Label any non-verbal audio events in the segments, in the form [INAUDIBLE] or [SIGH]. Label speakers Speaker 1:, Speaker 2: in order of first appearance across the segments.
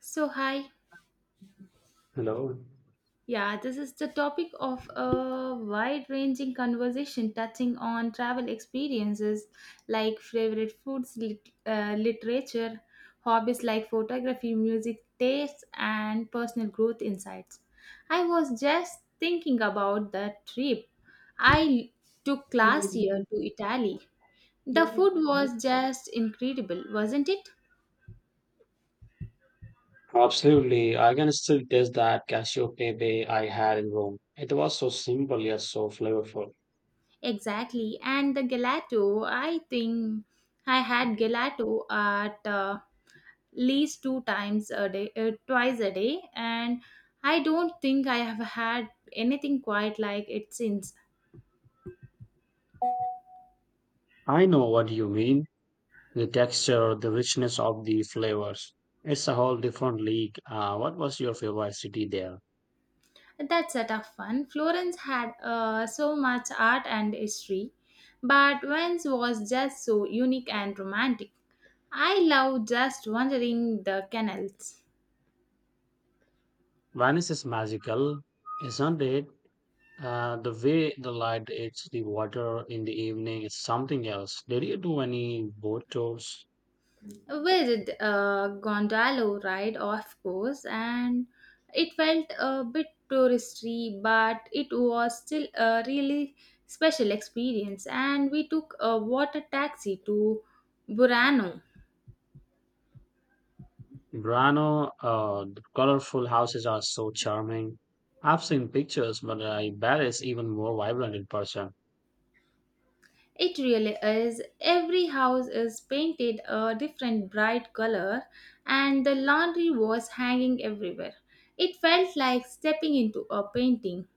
Speaker 1: So, hi.
Speaker 2: Hello.
Speaker 1: Yeah, this is the topic of a wide ranging conversation touching on travel experiences like favorite foods, literature, hobbies like photography, music tastes, and personal growth insights. I was just thinking about the trip I took last year to Italy. The food was just incredible, wasn't it?
Speaker 2: Absolutely. I can still taste that cashew pepe I had in Rome. It was so simple yet so flavorful.
Speaker 1: Exactly. And the gelato, I think I had gelato at least two times a day, twice a day, and I don't think I have had anything quite like it since.
Speaker 2: I know what you mean. The texture, the richness of the flavors. It's a whole different league. What was your favorite city there?
Speaker 1: That's a tough one. Florence had so much art and history, but Venice was just so unique and romantic. I love just wandering the canals.
Speaker 2: Venice is magical, isn't it? The way the light hits the water in the evening is something else. Did you do any boat tours?
Speaker 1: We did a gondola ride, of course, and it felt a bit touristy, but it was still a really special experience. And we took a water taxi to Burano.
Speaker 2: Grano, the colorful houses are so charming. I've seen pictures, but I bet it's even more vibrant in person.
Speaker 1: It really is. Every house is painted a different bright color, and the laundry was hanging everywhere. It felt like stepping into a painting.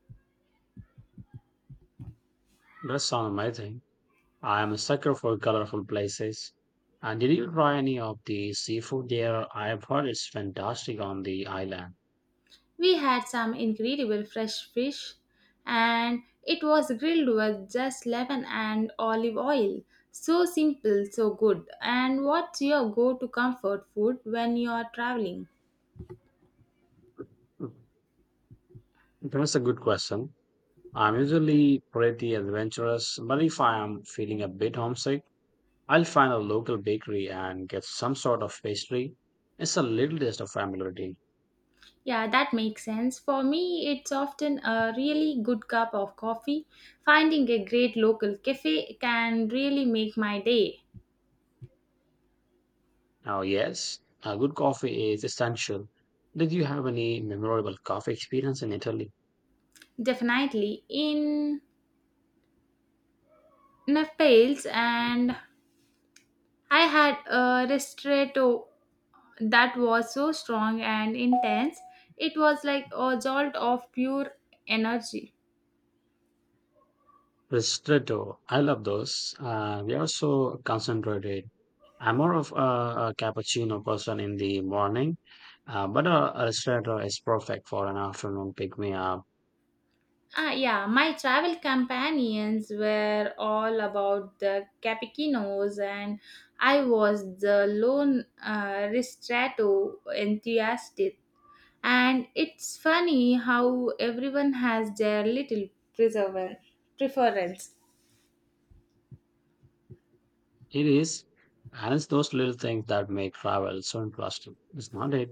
Speaker 2: That sounds amazing. I am a sucker for colorful places. And did you try any of the seafood there? I've heard it's fantastic on the island.
Speaker 1: We had some incredible fresh fish and it was grilled with just lemon and olive oil. So simple, so good. And what's your go to comfort food when you are traveling?
Speaker 2: That's a good question. I'm usually pretty adventurous, but if I am feeling a bit homesick, I'll find a local bakery and get some sort of pastry. It's a little taste of familiarity.
Speaker 1: Yeah, that makes sense. For me, it's often a really good cup of coffee. Finding a great local cafe can really make my day.
Speaker 2: Now yes, a good coffee is essential. Did you have any memorable coffee experience in Italy?
Speaker 1: Definitely. In Naples and I had a ristretto that was so strong and intense. It was like a jolt of pure energy.
Speaker 2: Ristretto, I love those. They are so concentrated. I'm more of a cappuccino person in the morning, but a ristretto is perfect for an afternoon pick me up.
Speaker 1: Ah, yeah, my travel companions were all about the cappuccinos, and I was the lone ristretto enthusiast. And it's funny how everyone has their little preserver preference.
Speaker 2: It is, and it's those little things that make travel so interesting. It's not it?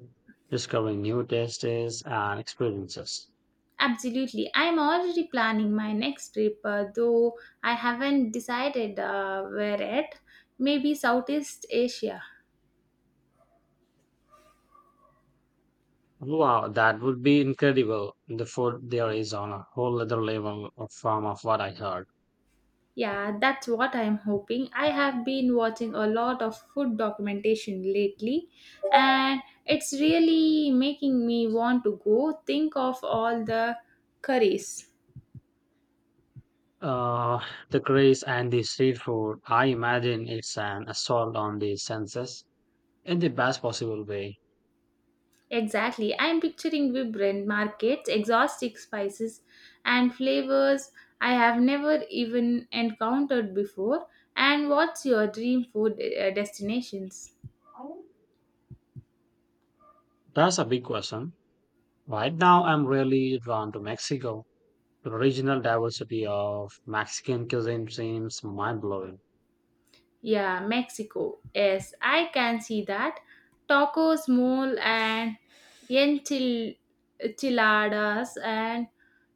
Speaker 2: Discovering new tastes and experiences.
Speaker 1: Absolutely. I'm already planning my next trip, though I haven't decided where yet. Maybe Southeast Asia.
Speaker 2: Wow, that would be incredible. The food there is on a whole other from of what I heard.
Speaker 1: Yeah, that's what I'm hoping. I have been watching a lot of food documentation lately, and it's really making me want to go. Think of all the curries.
Speaker 2: Uh, the craze and the street food, I imagine it's an assault on the senses in the best possible way.
Speaker 1: Exactly. I'm picturing vibrant markets, exotic spices, and flavors I have never even encountered before. And what's your dream food destinations?
Speaker 2: That's a big question. Right now, I'm really drawn to Mexico. The regional diversity of Mexican cuisine seems mind blowing.
Speaker 1: Yeah, Mexico. Yes, I can see that. Tacos, mole, and enchil- enchiladas, and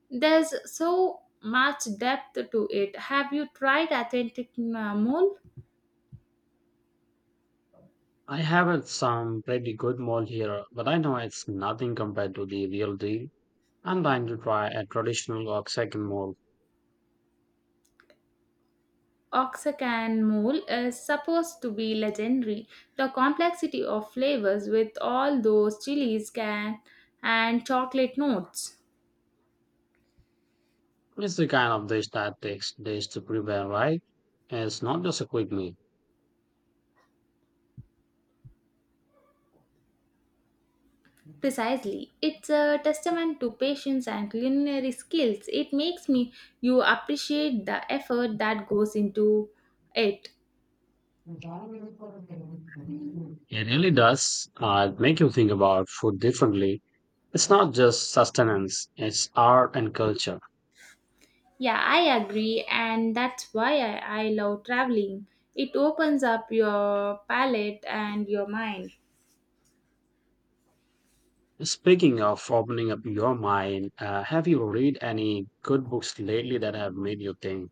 Speaker 1: there's so much depth to it. Have you tried authentic mole?
Speaker 2: I have had some pretty good mole here, but I know it's nothing compared to the real deal. I'm trying to try a traditional Oaxacan mole.
Speaker 1: Oaxacan mole is supposed to be legendary. The complexity of flavors with all those chilies can and chocolate notes.
Speaker 2: It's the kind of dish that takes days to prepare, right? It's not just a quick meal.
Speaker 1: Precisely. It's a testament to patience and culinary skills. It makes me you appreciate the effort that goes into it.
Speaker 2: It really does make you think about food differently. It's not just sustenance, it's art and culture.
Speaker 1: Yeah, I agree and that's why I love traveling. It opens up your palate and your mind.
Speaker 2: Speaking of opening up your mind, have you read any good books lately that have made you think?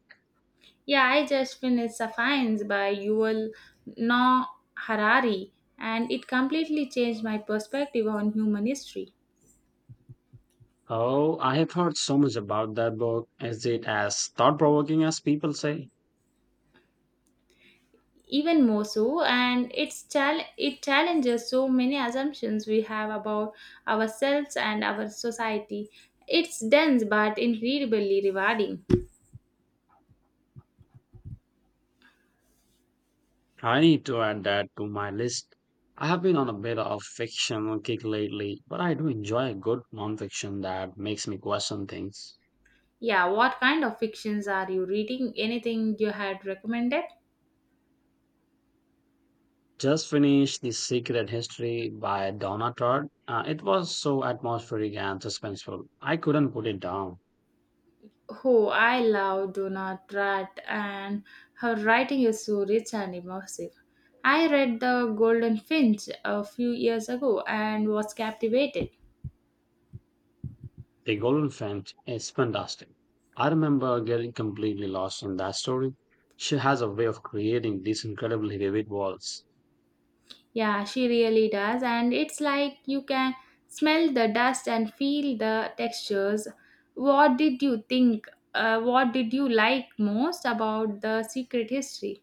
Speaker 1: Yeah, I just finished Sapiens by Yuval Noah Harari, and it completely changed my perspective on human history.
Speaker 2: Oh, I have heard so much about that book. Is it as thought provoking as people say?
Speaker 1: Even more so, and it's it challenges so many assumptions we have about ourselves and our society. It's dense but incredibly rewarding.
Speaker 2: I need to add that to my list. I have been on a bit of fiction kick lately, but I do enjoy a good nonfiction that makes me question things.
Speaker 1: Yeah, what kind of fictions are you reading? Anything you had recommended?
Speaker 2: Just finished The Secret History by Donna Tartt. It was so atmospheric and suspenseful. I couldn't put it down.
Speaker 1: Who I love Donald Rat and her writing is so rich and immersive. I read The Golden Finch a few years ago and was captivated.
Speaker 2: The Golden Finch is fantastic. I remember getting completely lost in that story. She has a way of creating these incredibly vivid worlds.
Speaker 1: Yeah, she really does and it's like you can smell the dust and feel the textures. What did you think? What did you like most about the secret history?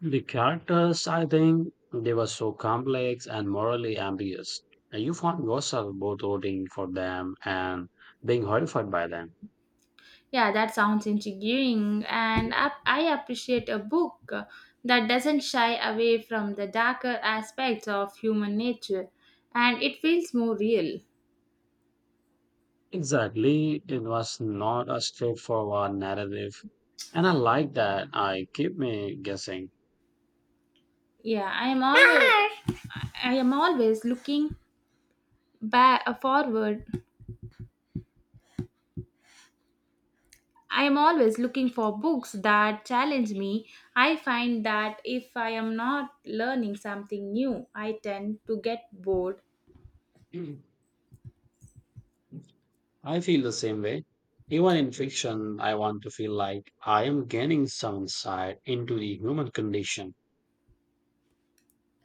Speaker 2: The characters, I think, they were so complex and morally ambiguous. And You found yourself both rooting for them and being horrified by them.
Speaker 1: Yeah, that sounds intriguing, and I appreciate a book that doesn't shy away from the darker aspects of human nature, and it feels more real.
Speaker 2: Exactly, it was not a straightforward narrative, and I like that. I keep me guessing. [CLEARS THROAT]
Speaker 1: Yeah, I am always looking back forward. I am always looking for books that challenge me. I find that if I am not learning something new, I tend to get bored.
Speaker 2: Mm. I feel the same way. Even in fiction, I want to feel like I am gaining some insight into the human condition.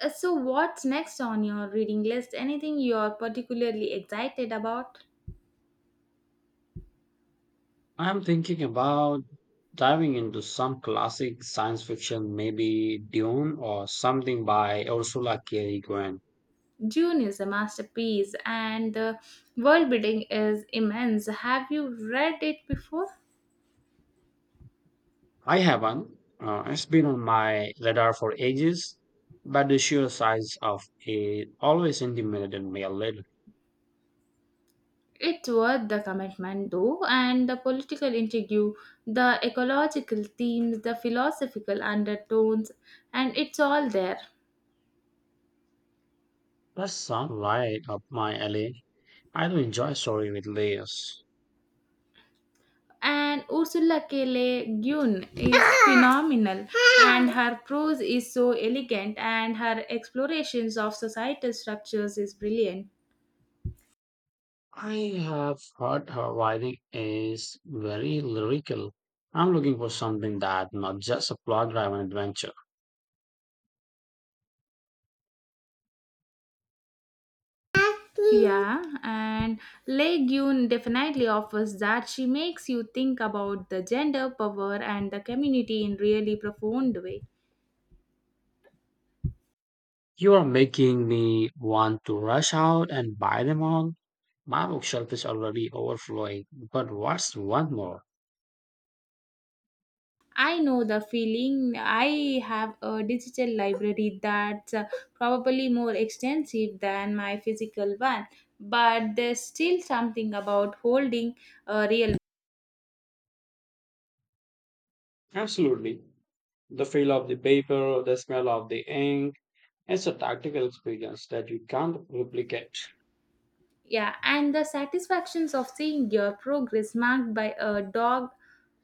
Speaker 1: So, what's next on your reading list? Anything you're particularly excited about?
Speaker 2: I'm thinking about diving into some classic science fiction, maybe Dune or something by Ursula K. Le Guin.
Speaker 1: Dune is a masterpiece, and the world building is immense. Have you read it before?
Speaker 2: I haven't. It's been on my radar for ages, but the sheer size of it always intimidated me a little.
Speaker 1: It's worth the commitment, though, and the political intrigue, the ecological themes, the philosophical undertones, and it's all there.
Speaker 2: That sounds right up my alley. I do enjoy story with layers.
Speaker 1: And Ursula K. Le Guin is [LAUGHS] phenomenal, and her prose is so elegant, and her explorations of societal structures is brilliant.
Speaker 2: I have heard her writing is very lyrical. I'm looking for something that not just a plot-driven adventure.
Speaker 1: Yeah, and Le Guin definitely offers that she makes you think about the gender, power, and the community in really profound way.
Speaker 2: You are making me want to rush out and buy them all. My bookshelf is already overflowing, but what's one more?
Speaker 1: I know the feeling. I have a digital library that's probably more extensive than my physical one, but there's still something about holding a real.
Speaker 2: Absolutely. The feel of the paper, the smell of the ink, it's a tactical experience that you can't replicate.
Speaker 1: Yeah, and the satisfactions of seeing your progress marked by a dog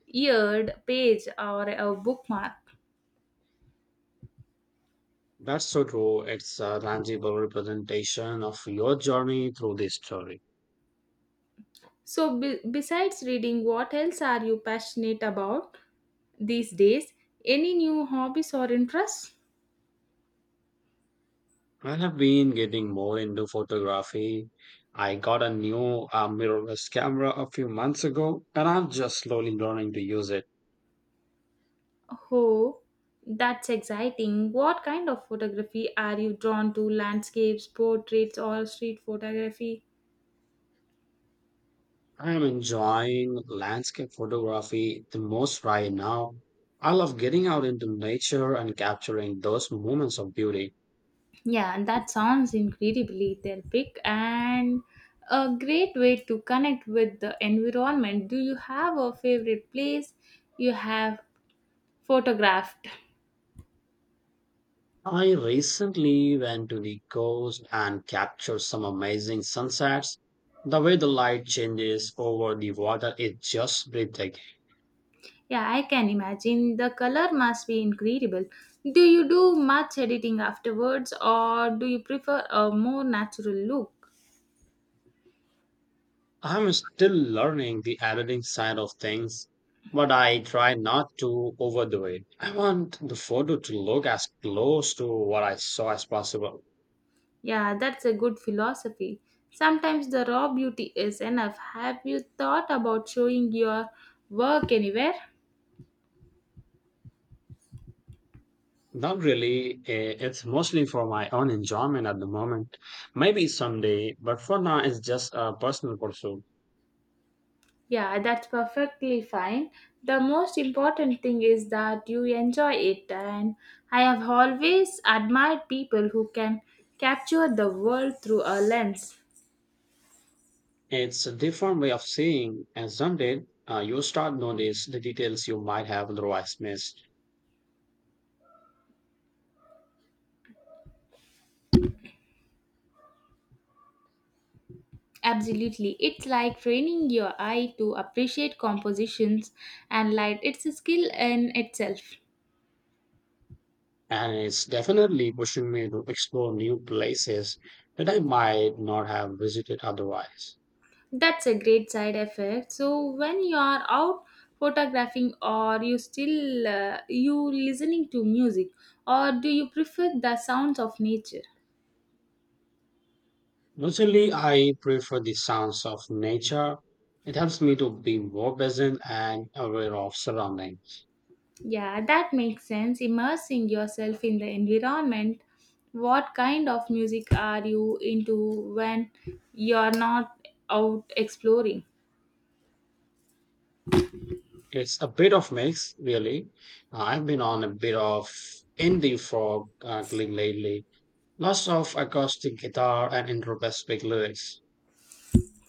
Speaker 1: eared page or a bookmark.
Speaker 2: That's so true. It's a tangible representation of your journey through this story.
Speaker 1: So, besides reading, what else are you passionate about these days? Any new hobbies or interests?
Speaker 2: I have been getting more into photography. I got a new mirrorless camera a few months ago, and I'm just slowly learning to use it.
Speaker 1: Oh, that's exciting. What kind of photography are you drawn to? Landscapes, portraits, or street photography?
Speaker 2: I'm enjoying landscape photography the most right now. I love getting out into nature and capturing those moments of beauty.
Speaker 1: Yeah, and that sounds incredibly therapeutic and a great way to connect with the environment. Do you have a favorite place you have photographed?
Speaker 2: I recently went to the coast and captured some amazing sunsets. The way the light changes over the water is just breathtaking.
Speaker 1: Yeah, I can imagine. The color must be incredible. Do you do much editing afterwards or do you prefer a more natural look?
Speaker 2: I'm still learning the editing side of things, but I try not to overdo it. I want the photo to look as close to what I saw as possible.
Speaker 1: Yeah, that's a good philosophy. Sometimes the raw beauty is enough. Have you thought about showing your work anywhere?
Speaker 2: Not really. It's mostly for my own enjoyment at the moment. Maybe someday, but for now, it's just a personal pursuit.
Speaker 1: Yeah, that's perfectly fine. The most important thing is that you enjoy it, and I have always admired people who can capture the world through a lens.
Speaker 2: It's a different way of seeing, and someday you start notice the details you might have otherwise missed.
Speaker 1: Absolutely. It's like training your eye to appreciate compositions and light. It's a skill in itself.
Speaker 2: And it's definitely pushing me to explore new places that I might not have visited otherwise.
Speaker 1: That's a great side effect. So when you are out photographing or you still you listening to music or do you prefer the sounds of nature?
Speaker 2: Mostly, I prefer the sounds of nature. It helps me to be more present and aware of surroundings.
Speaker 1: Yeah, that makes sense. Immersing yourself in the environment. What kind of music are you into when you're not out exploring?
Speaker 2: It's a bit of mix, really. I've been on a bit of indie frog gig lately. Lots of acoustic guitar and introspective lyrics.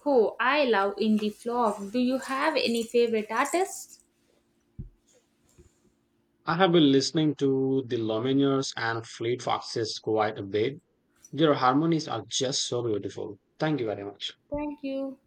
Speaker 1: Oh, I love indie folk. Do you have any favorite artists?
Speaker 2: I have been listening to the Lumineers and Fleet Foxes quite a bit. Their harmonies are just so beautiful. Thank you very much.
Speaker 1: Thank you.